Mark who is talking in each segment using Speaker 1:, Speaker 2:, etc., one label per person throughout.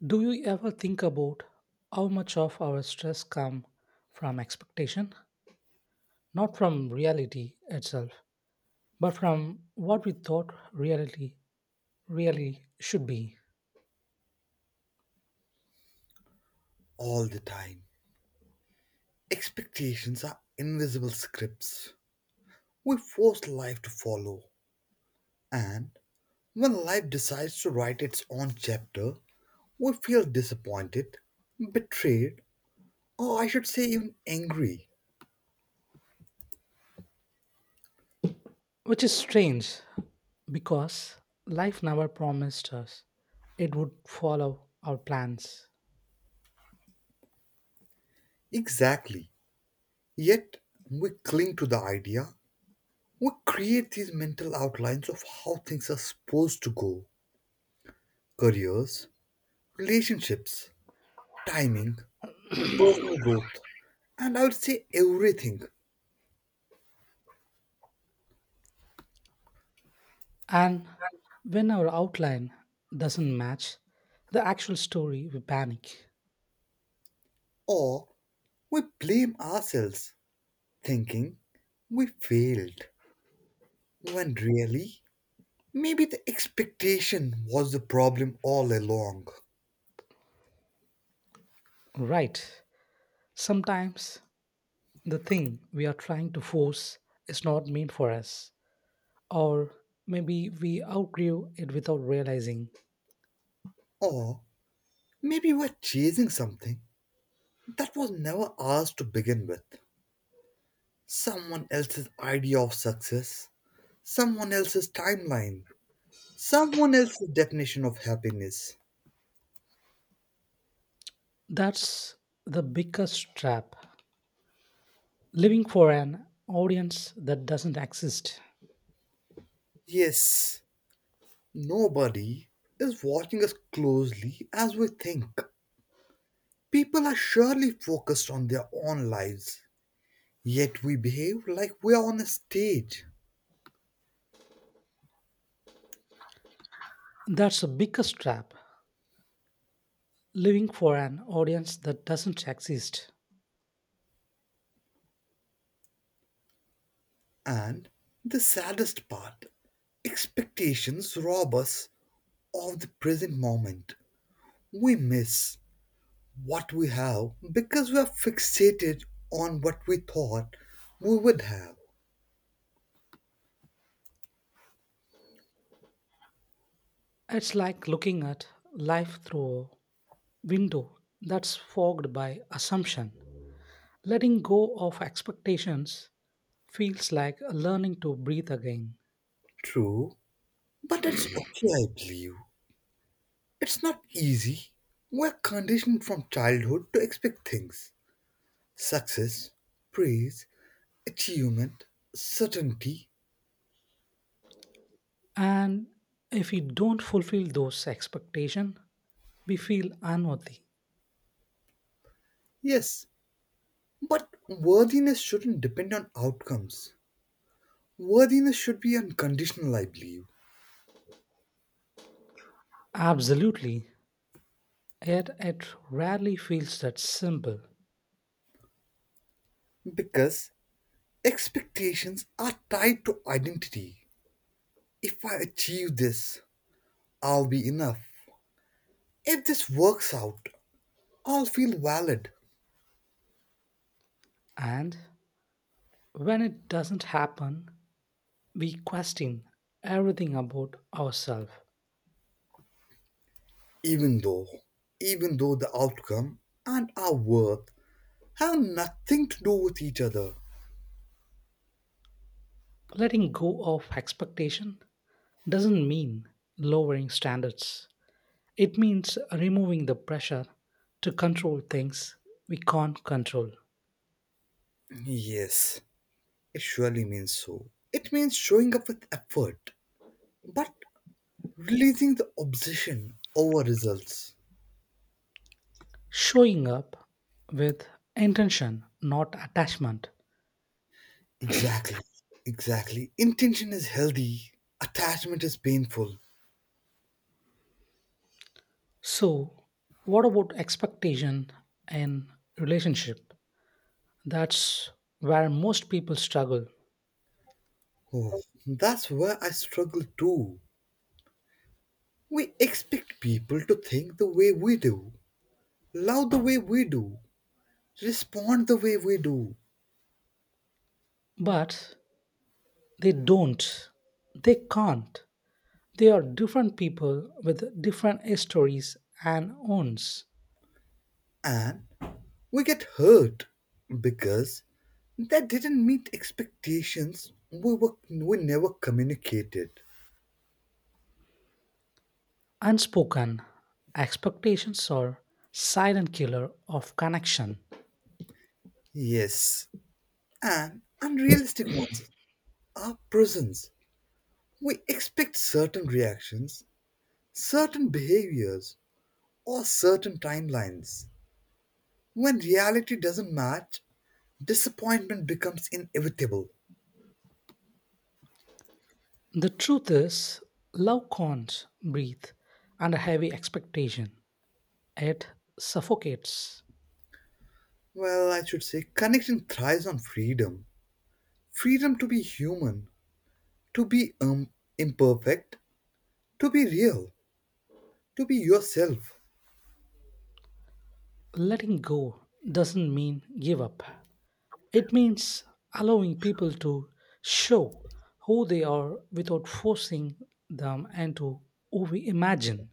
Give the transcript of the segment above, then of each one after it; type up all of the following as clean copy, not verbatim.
Speaker 1: Do you ever think about how much of our stress comes from expectation? Not from reality itself, but from what we thought reality really should be.
Speaker 2: All the time. Expectations are invisible scripts we force life to follow. And when life decides to write its own chapter, we feel disappointed, betrayed, or I should say even angry.
Speaker 1: Which is strange because life never promised us it would follow our plans.
Speaker 2: Exactly. Yet we cling to the idea. We create these mental outlines of how things are supposed to go: careers, relationships, timing, personal growth, and I would say everything.
Speaker 1: And when our outline doesn't match the actual story, we panic.
Speaker 2: Or we blame ourselves, thinking we failed, when really, maybe the expectation was the problem all along.
Speaker 1: Right. Sometimes the thing we are trying to force is not meant for us, or maybe we outgrew it without realizing.
Speaker 2: Or maybe we're chasing something that was never ours to begin with. Someone else's idea of success, someone else's timeline, someone else's definition of happiness.
Speaker 1: That's the biggest trap. Living for an audience that doesn't exist.
Speaker 2: Yes, nobody is watching us closely as we think. People are surely focused on their own lives, yet we behave like we are on a stage.
Speaker 1: That's the biggest trap. Living for an audience that doesn't exist.
Speaker 2: And the saddest part: expectations rob us of the present moment. We miss what we have because we are fixated on what we thought we would have.
Speaker 1: It's like looking at life through a window that's fogged by assumption. Letting go of expectations feels like learning to breathe again.
Speaker 2: True, but it's okay, I believe. It's not easy. We're conditioned from childhood to expect things: success, praise, achievement, certainty.
Speaker 1: And if we don't fulfill those expectations, we feel unworthy.
Speaker 2: Yes, but worthiness shouldn't depend on outcomes. Worthiness should be unconditional, I believe,
Speaker 1: Absolutely. Yet it rarely feels that simple.
Speaker 2: because expectations are tied to identity. If I achieve this, I'll be enough. If this works out, I'll feel valid,
Speaker 1: And when it doesn't happen, we question everything about ourselves.
Speaker 2: even though, even though the outcome and our worth have nothing to do with each other.
Speaker 1: Letting go of expectation doesn't mean lowering standards. It means removing the pressure to control things we can't control.
Speaker 2: Yes, it surely means so. It means showing up with effort, but releasing the obsession over results.
Speaker 1: Showing up with intention, not attachment.
Speaker 2: Exactly. Exactly. Intention is healthy, attachment is painful.
Speaker 1: So, what about expectation in relationship? That's where most people struggle,
Speaker 2: Oh, that's where I struggle too. We expect people to think the way we do, love the way we do, respond the way we do,
Speaker 1: but they don't. They can't. They are different people with different histories and owns.
Speaker 2: and we get hurt because that didn't meet expectations we never communicated.
Speaker 1: Unspoken expectations are silent killer of connection.
Speaker 2: Yes, and unrealistic ones are prisons. We expect certain reactions, certain behaviors, or certain timelines. When reality doesn't match, disappointment becomes inevitable.
Speaker 1: The truth is, love can't breathe under heavy expectation. It suffocates.
Speaker 2: Well, I should say, connection thrives on freedom: freedom to be human, to be imperfect, to be real, to be yourself.
Speaker 1: Letting go doesn't mean give up, it means allowing people to show who they are without forcing them into who we imagine.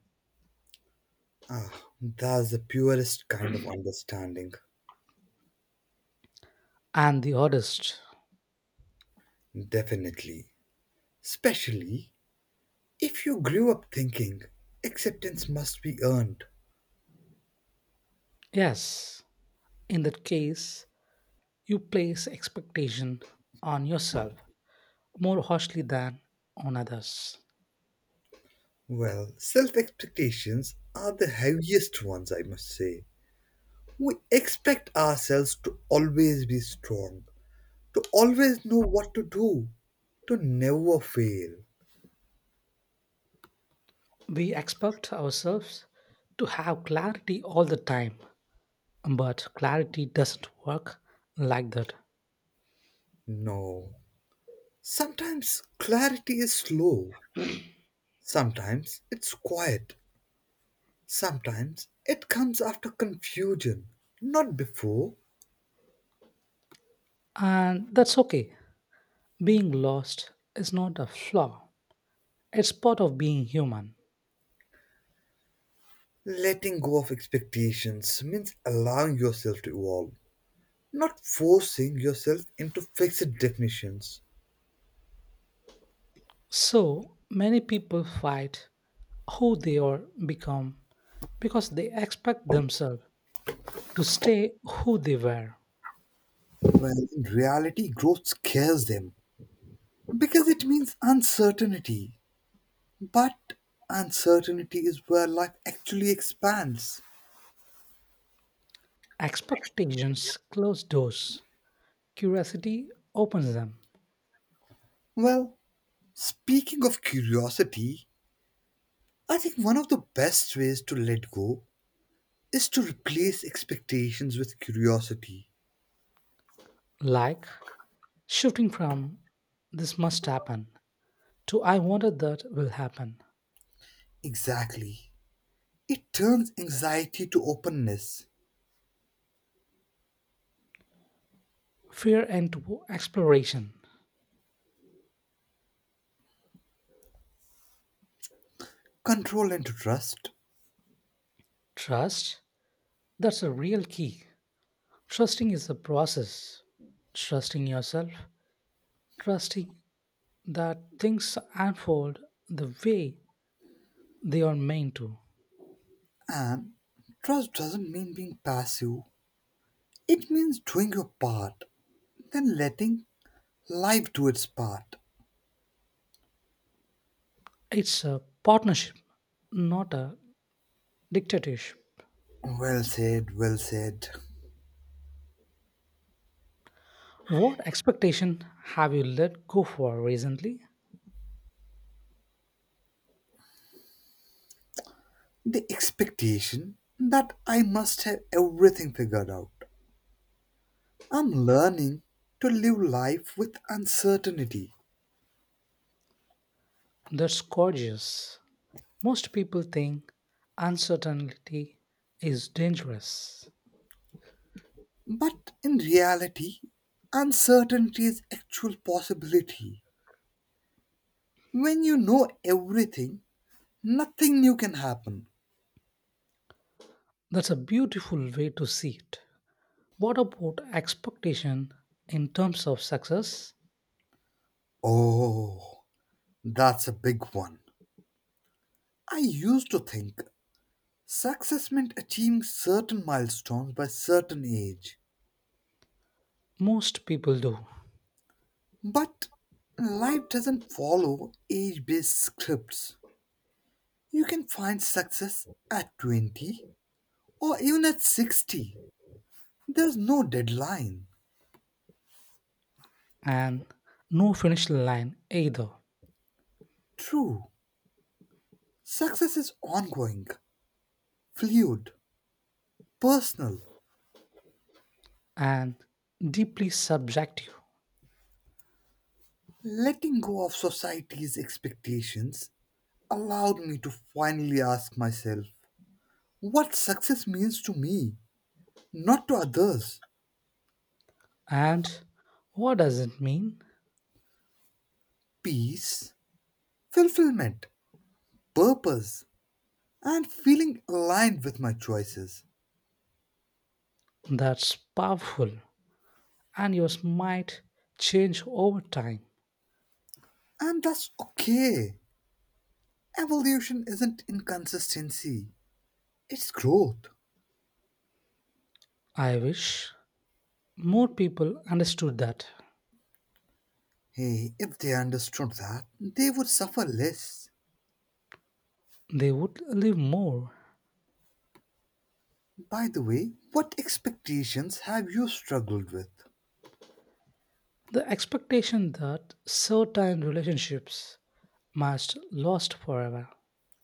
Speaker 2: Ah, that's the purest kind of understanding,
Speaker 1: And the oddest,
Speaker 2: definitely. Especially if you grew up thinking acceptance must be earned.
Speaker 1: yes, in that case, you place expectation on yourself more harshly than on others.
Speaker 2: Well, self expectations are the heaviest ones, I must say. We expect ourselves to always be strong, to always know what to do, to never fail.
Speaker 1: We expect ourselves to have clarity all the time, but clarity doesn't work like that.
Speaker 2: No. Sometimes clarity is slow, sometimes it's quiet, sometimes it comes after confusion, not before.
Speaker 1: And that's okay. Being lost is not a flaw, it's part of being human.
Speaker 2: Letting go of expectations means allowing yourself to evolve, not forcing yourself into fixed definitions.
Speaker 1: So many people fight who they are become because they expect themselves to stay who they were.
Speaker 2: Well, in reality, growth scares them because it means uncertainty. But uncertainty is where life actually expands.
Speaker 1: Expectations close doors, curiosity opens them,
Speaker 2: Well, speaking of curiosity, I think one of the best ways to let go is to replace expectations with curiosity.
Speaker 1: like shifting from this must happen to I wanted that will happen.
Speaker 2: Exactly. It turns anxiety to openness,
Speaker 1: Fear and to exploration.
Speaker 2: control into trust,
Speaker 1: Trust, that's a real key. Trusting is a process. Trusting yourself, trusting that things unfold the way they are meant to.
Speaker 2: and trust doesn't mean being passive. It means doing your part, then letting life to its part.
Speaker 1: It's a partnership, not a dictatorship.
Speaker 2: Well said, well said.
Speaker 1: What expectation have you let go for recently?
Speaker 2: The expectation that I must have everything figured out. I'm learning to live life with uncertainty.
Speaker 1: That's gorgeous. Most people think uncertainty is dangerous.
Speaker 2: But in reality, uncertainty is actual possibility. When you know everything, nothing new can happen.
Speaker 1: That's a beautiful way to see it. What about expectation in terms of success?
Speaker 2: Oh, that's a big one. I used to think success meant achieving certain milestones by certain age.
Speaker 1: Most people do,
Speaker 2: But life doesn't follow age based scripts. You can find success at 20 or even at 60. There's no deadline.
Speaker 1: and no finish line either,
Speaker 2: True, success is ongoing, fluid, personal.
Speaker 1: and deeply subjective.
Speaker 2: Letting go of society's expectations allowed me to finally ask myself what success means to me, not to others.
Speaker 1: And what does it mean?
Speaker 2: Peace, fulfillment, purpose, and feeling aligned with my choices.
Speaker 1: That's powerful, and yours might change over time.
Speaker 2: And that's okay. Evolution isn't inconsistency, it's growth.
Speaker 1: I wish more people understood that.
Speaker 2: Hey, if they understood that, they would suffer less.
Speaker 1: They would live more.
Speaker 2: By the way, what expectations have you struggled with?
Speaker 1: The expectation that certain relationships must last forever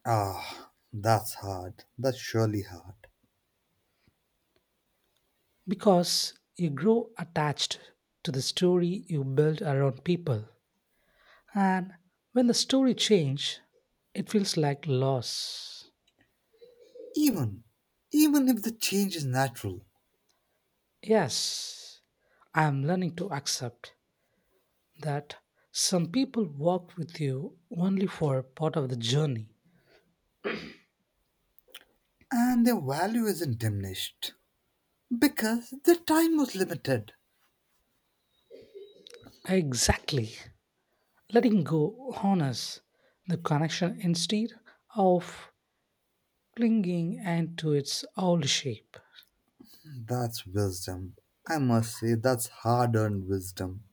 Speaker 2: Ah, that's hard. That's surely hard.
Speaker 1: because you grow attached to the story you build around people, and when the story change it feels like loss.
Speaker 2: Even, even if the change is natural,
Speaker 1: Yes, I am learning to accept that some people walk with you only for part of the journey.
Speaker 2: and their value isn't diminished, because their time was limited.
Speaker 1: Exactly, letting go honors the connection instead of clinging and to its old shape.
Speaker 2: That's wisdom. I must say, that's hard earned wisdom.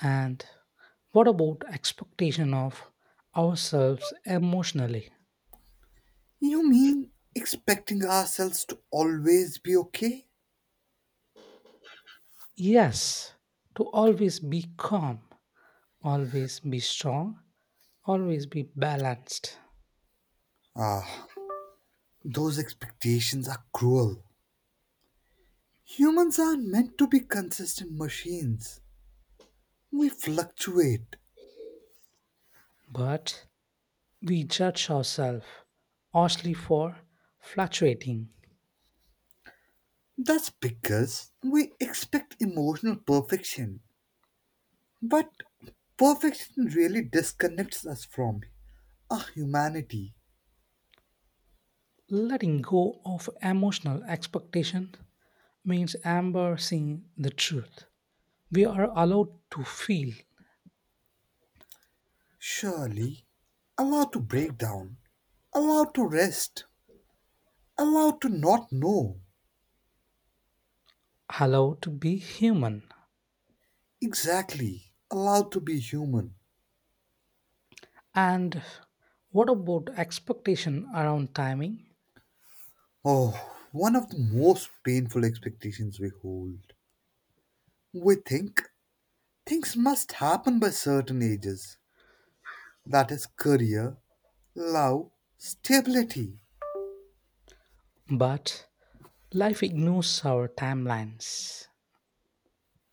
Speaker 1: And what about expectation of ourselves emotionally?
Speaker 2: You mean expecting ourselves to always be okay?
Speaker 1: Yes, to always be calm, always be strong, always be balanced.
Speaker 2: Ah, those expectations are cruel. Humans aren't meant to be consistent machines. We fluctuate.
Speaker 1: But we judge ourselves harshly for fluctuating.
Speaker 2: That's because we expect emotional perfection. But perfection really disconnects us from our humanity.
Speaker 1: Letting go of emotional expectation means embracing the truth. We are allowed to feel,
Speaker 2: Surely, allowed to break down, allowed to rest. Allowed to not know.
Speaker 1: allowed to be human.
Speaker 2: Exactly. Allowed to be human.
Speaker 1: And what about expectation around timing?
Speaker 2: Oh, one of the most painful expectations we hold. We think things must happen by certain ages. That is career, love, stability.
Speaker 1: But life ignores our timelines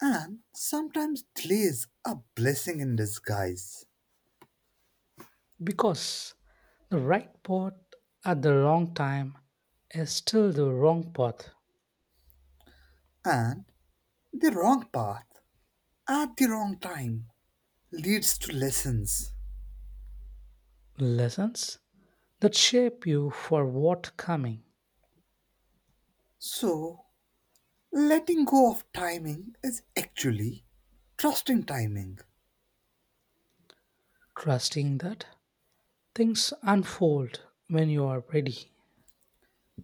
Speaker 2: And sometimes delays are blessing in disguise.
Speaker 1: because the right path at the wrong time is still the wrong path.
Speaker 2: And the wrong path at the wrong time leads to lessons.
Speaker 1: Lessons that shape you for what coming,
Speaker 2: So letting go of timing is actually trusting timing.
Speaker 1: trusting that things unfold when you are ready.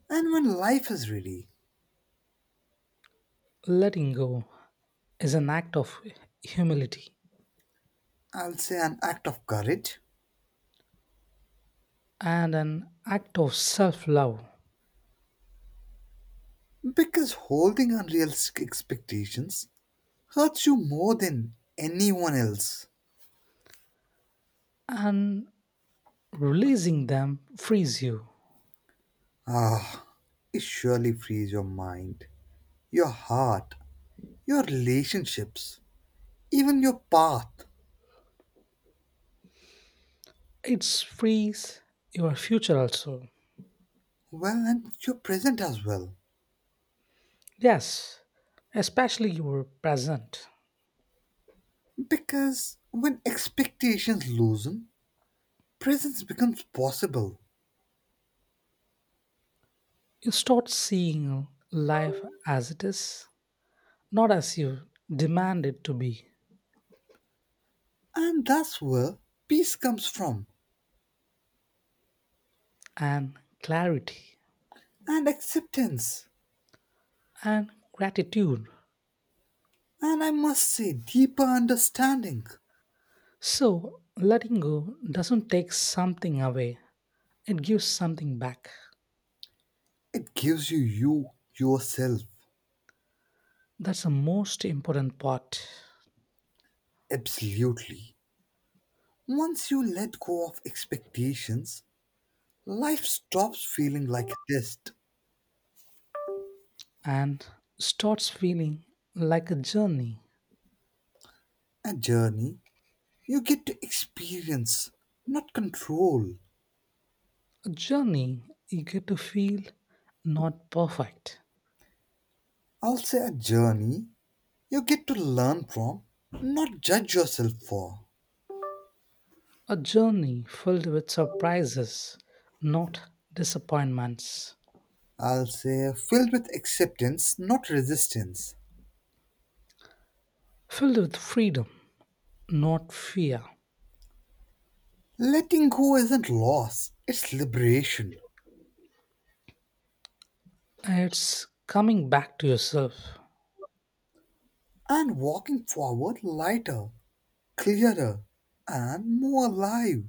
Speaker 2: And when life is ready,
Speaker 1: Letting go is an act of humility
Speaker 2: I'll say an act of courage,
Speaker 1: and an act of self love.
Speaker 2: because holding unrealistic expectations hurts you more than anyone else.
Speaker 1: And Releasing them frees you.
Speaker 2: Ah, it surely frees your mind, your heart, your relationships, even your path,
Speaker 1: It frees your future also.
Speaker 2: well, and your present as well.
Speaker 1: Yes, especially your present.
Speaker 2: Because when expectations loosen, presence becomes possible.
Speaker 1: You start seeing life as it is, not as you demand it to be,
Speaker 2: And that's where peace comes from,
Speaker 1: and clarity
Speaker 2: and acceptance,
Speaker 1: and gratitude.
Speaker 2: and I must say, deeper understanding.
Speaker 1: So, letting go doesn't take something away, it gives something back.
Speaker 2: It gives you you yourself,
Speaker 1: That's the most important part,
Speaker 2: absolutely. Once you let go of expectations, life stops feeling like a test,
Speaker 1: and starts feeling like a journey.
Speaker 2: a journey. You get to experience, not control.
Speaker 1: A journey you get to feel, not perfect.
Speaker 2: I'll say a journey you get to learn from, not judge yourself for.
Speaker 1: A journey filled with surprises, not disappointments.
Speaker 2: I'll say filled with acceptance, not resistance.
Speaker 1: Filled with freedom, not fear.
Speaker 2: Letting go isn't loss, it's liberation.
Speaker 1: It's coming back to yourself.
Speaker 2: And walking forward lighter, clearer, and more alive.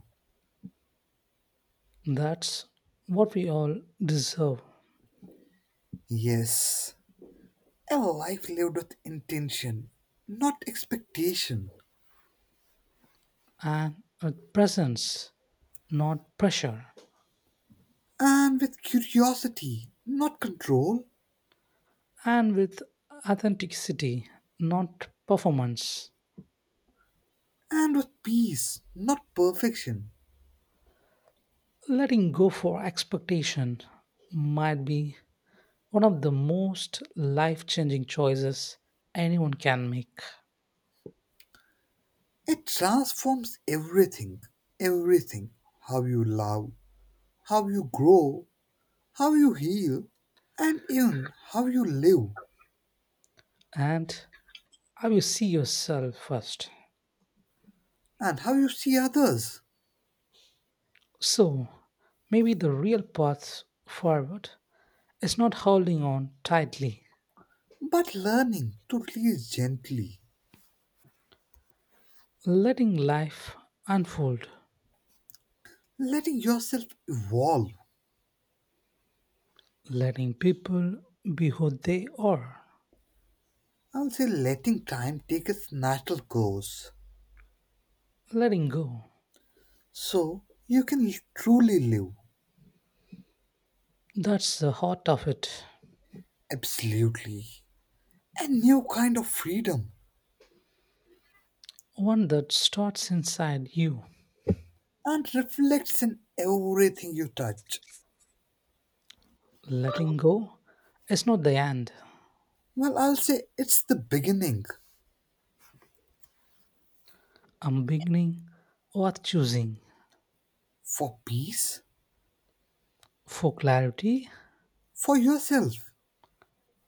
Speaker 1: That's what we all deserve.
Speaker 2: Yes, a life lived with intention, not expectation.
Speaker 1: And with presence, not pressure.
Speaker 2: And with curiosity, not control.
Speaker 1: And with authenticity, not performance.
Speaker 2: And with peace, not perfection.
Speaker 1: Letting go for expectation might be one of the most life changing choices anyone can make.
Speaker 2: It transforms everything. Everything. How you love, how you grow, how you heal, and even how you live.
Speaker 1: And how you see yourself first.
Speaker 2: And how you see others.
Speaker 1: So, maybe the real path forward is not holding on tightly,
Speaker 2: But learning to release gently,
Speaker 1: letting life unfold,
Speaker 2: letting yourself evolve,
Speaker 1: letting people be who they are,
Speaker 2: I would say letting time take its natural course
Speaker 1: letting go.
Speaker 2: so you can truly live.
Speaker 1: That's the heart of it,
Speaker 2: Absolutely, a new kind of freedom
Speaker 1: one that starts inside you.
Speaker 2: and reflects in everything you touch.
Speaker 1: Letting go is not the end,
Speaker 2: Well, I'll say it's the beginning
Speaker 1: a beginning worth choosing.
Speaker 2: for peace,
Speaker 1: For clarity,
Speaker 2: for yourself,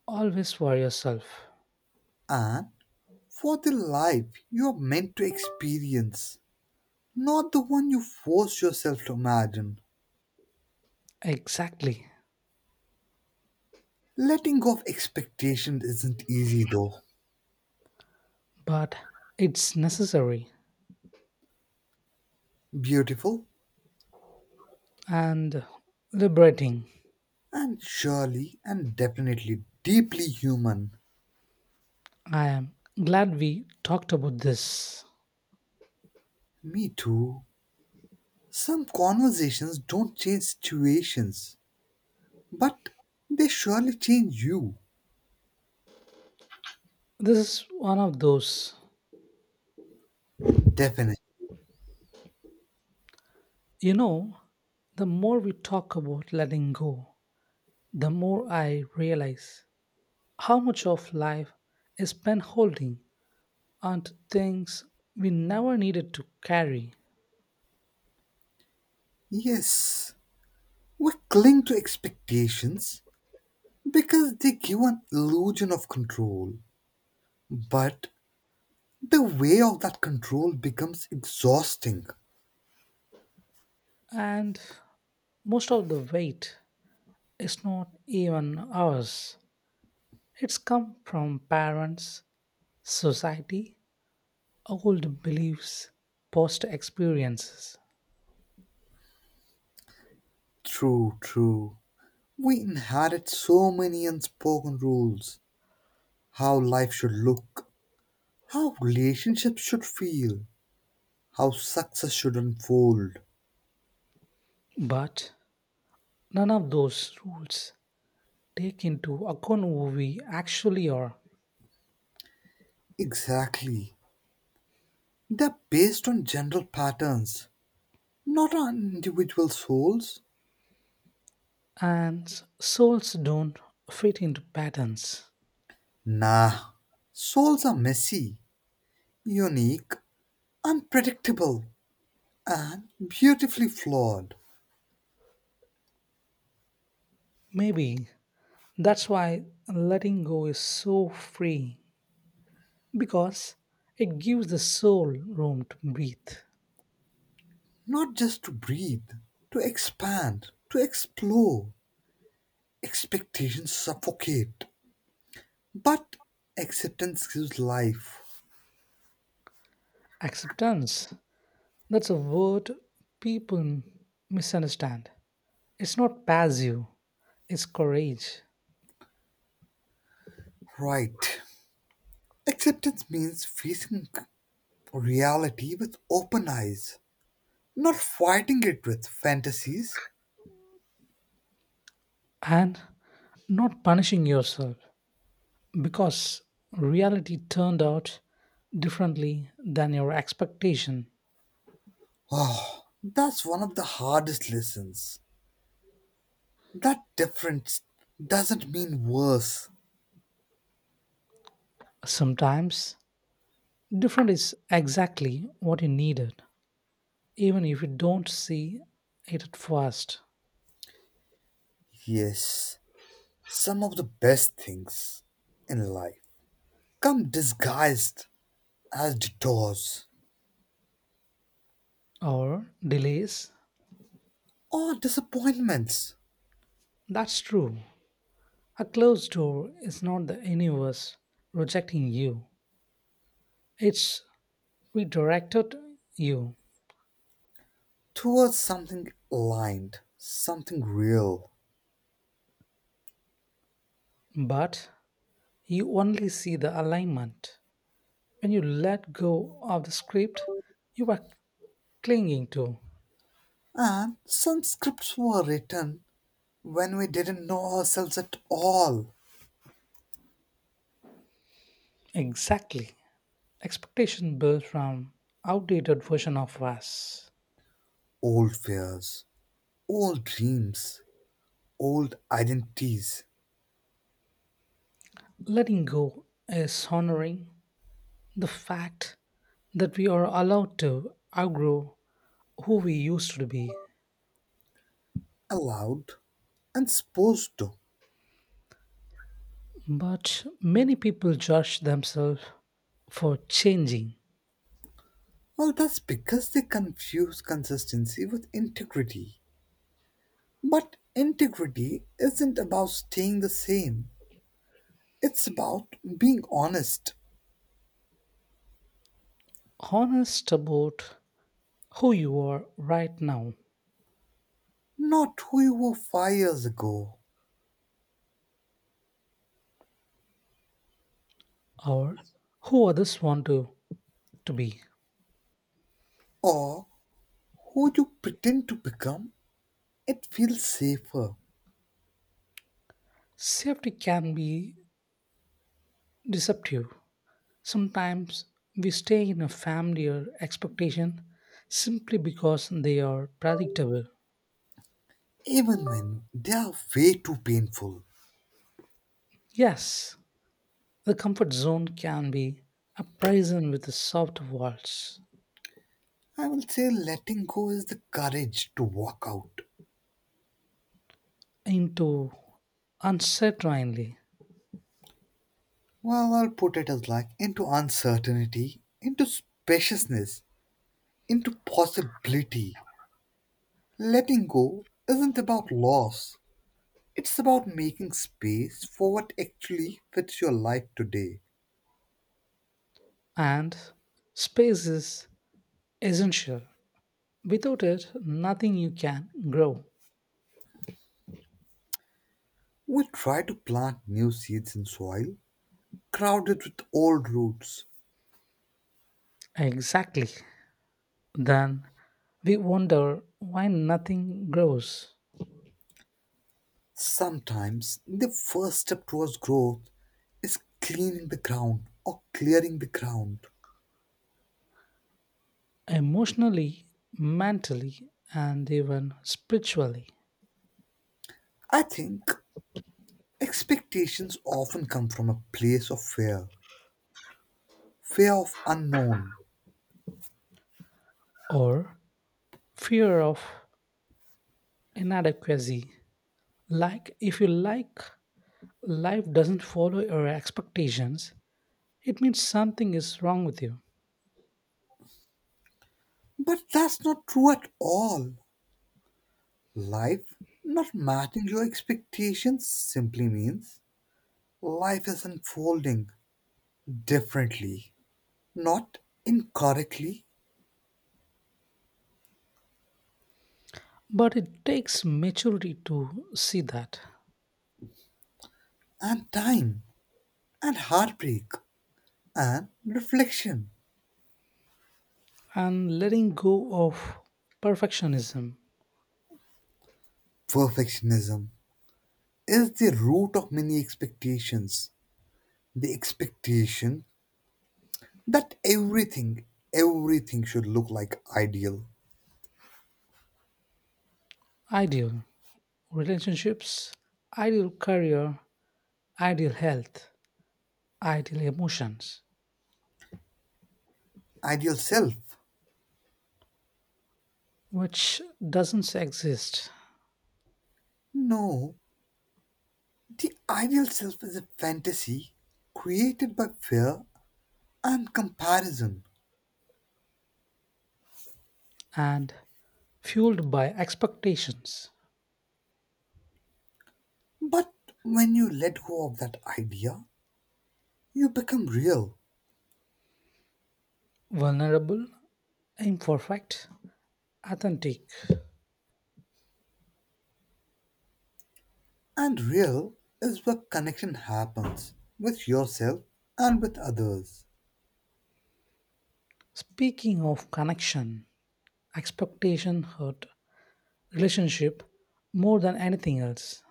Speaker 1: always for yourself.
Speaker 2: and for the life you're meant to experience, not the one you force yourself to imagine.
Speaker 1: Exactly.
Speaker 2: Letting go of expectations isn't easy though.
Speaker 1: But it's necessary
Speaker 2: Beautiful,
Speaker 1: and liberating.
Speaker 2: and surely and definitely deeply human.
Speaker 1: I am glad we talked about this.
Speaker 2: Me too. Some conversations don't change situations, but they surely change you.
Speaker 1: This is one of those.
Speaker 2: Definitely.
Speaker 1: You know, the more we talk about letting go, the more I realize how much of life is spent holding onto things we never needed to carry.
Speaker 2: Yes. We cling to expectations because they give an illusion of control. But the way of that control becomes exhausting.
Speaker 1: And most of the weight, it's not even ours. It's come from parents, society, old beliefs, past experiences.
Speaker 2: True, true. We inherit so many unspoken rules: how life should look, how relationships should feel, how success should unfold.
Speaker 1: But none of those rules take into account who we actually are,
Speaker 2: Exactly. They're based on general patterns, not on individual souls.
Speaker 1: and souls don't fit into patterns.
Speaker 2: Nah. Souls are messy, unique, unpredictable, and beautifully flawed.
Speaker 1: Maybe that's why letting go is so free, because it gives the soul room to breathe.
Speaker 2: Not just to breathe, to expand, to explore. Expectations suffocate, but acceptance gives life.
Speaker 1: Acceptance. That's a word people misunderstand. It's not passive, it's courage.
Speaker 2: Right. Acceptance means facing reality with open eyes, not fighting it with fantasies.
Speaker 1: And not punishing yourself because reality turned out differently than your expectation.
Speaker 2: Oh, that's one of the hardest lessons. That difference doesn't mean worse.
Speaker 1: Sometimes, different is exactly what you needed, even if you don't see it at first.
Speaker 2: Yes, some of the best things in life come disguised as detours
Speaker 1: Or delays,
Speaker 2: or disappointments.
Speaker 1: that's true. A closed door is not the universe rejecting you, it's we directed you,
Speaker 2: Towards something aligned, something real.
Speaker 1: but you only see the alignment. When you let go of the script you are clinging to.
Speaker 2: And some scripts were written when we didn't know ourselves at all.
Speaker 1: Exactly. Expectation built from outdated version of us.
Speaker 2: Old fears, old dreams, old identities,
Speaker 1: Letting go is honoring the fact that we are allowed to outgrow who we used to be.
Speaker 2: allowed and supposed to.
Speaker 1: But many people judge themselves for changing.
Speaker 2: Well, that's because they confuse consistency with integrity. But integrity isn't about staying the same, it's about being honest,
Speaker 1: Honest about who you are right now,
Speaker 2: not who you were 5 years ago
Speaker 1: or who others want to be.
Speaker 2: or who you pretend to become, it feels safer,
Speaker 1: Safety can be deceptive. Sometimes we stay in a family or expectation simply because they are predictable.
Speaker 2: even when they are way too painful.
Speaker 1: Yes, the comfort zone can be a prison with soft walls
Speaker 2: I will say letting go is the courage to walk out.
Speaker 1: into uncertainly.
Speaker 2: Well, I'll put it as like into uncertainty, into spaciousness, into possibility. Letting go isn't about loss, it's about making space for what actually fits your life today.
Speaker 1: And space is essential. Without it, nothing you can grow.
Speaker 2: We try to plant new seeds in soil crowded with old roots.
Speaker 1: Exactly. Then we wonder why nothing grows
Speaker 2: Sometimes the first step towards growth is cleaning the ground or clearing the ground.
Speaker 1: emotionally, mentally, and even spiritually,
Speaker 2: I think expectations often come from a place of fear, fear of unknown.
Speaker 1: or fear of inadequacy. Like, life doesn't follow your expectations, it means something is wrong with you.
Speaker 2: But that's not true at all. Life not matching your expectations simply means life is unfolding differently, not incorrectly,
Speaker 1: But it takes maturity to see that,
Speaker 2: and time, and heartbreak, and reflection,
Speaker 1: and letting go of perfectionism,
Speaker 2: perfectionism is the root of many expectations, the expectation that everything should look like ideal
Speaker 1: ideal relationships, ideal career, ideal health, ideal emotions,
Speaker 2: ideal self.
Speaker 1: which doesn't exist,
Speaker 2: No, the ideal self is a fantasy created by fear and comparison.
Speaker 1: and fueled by expectations,
Speaker 2: But when you let go of that idea, you become real.
Speaker 1: vulnerable, imperfect, authentic.
Speaker 2: And real is where connection happens with yourself and with others.
Speaker 1: Speaking of connection, expectation hurt relationship more than anything else.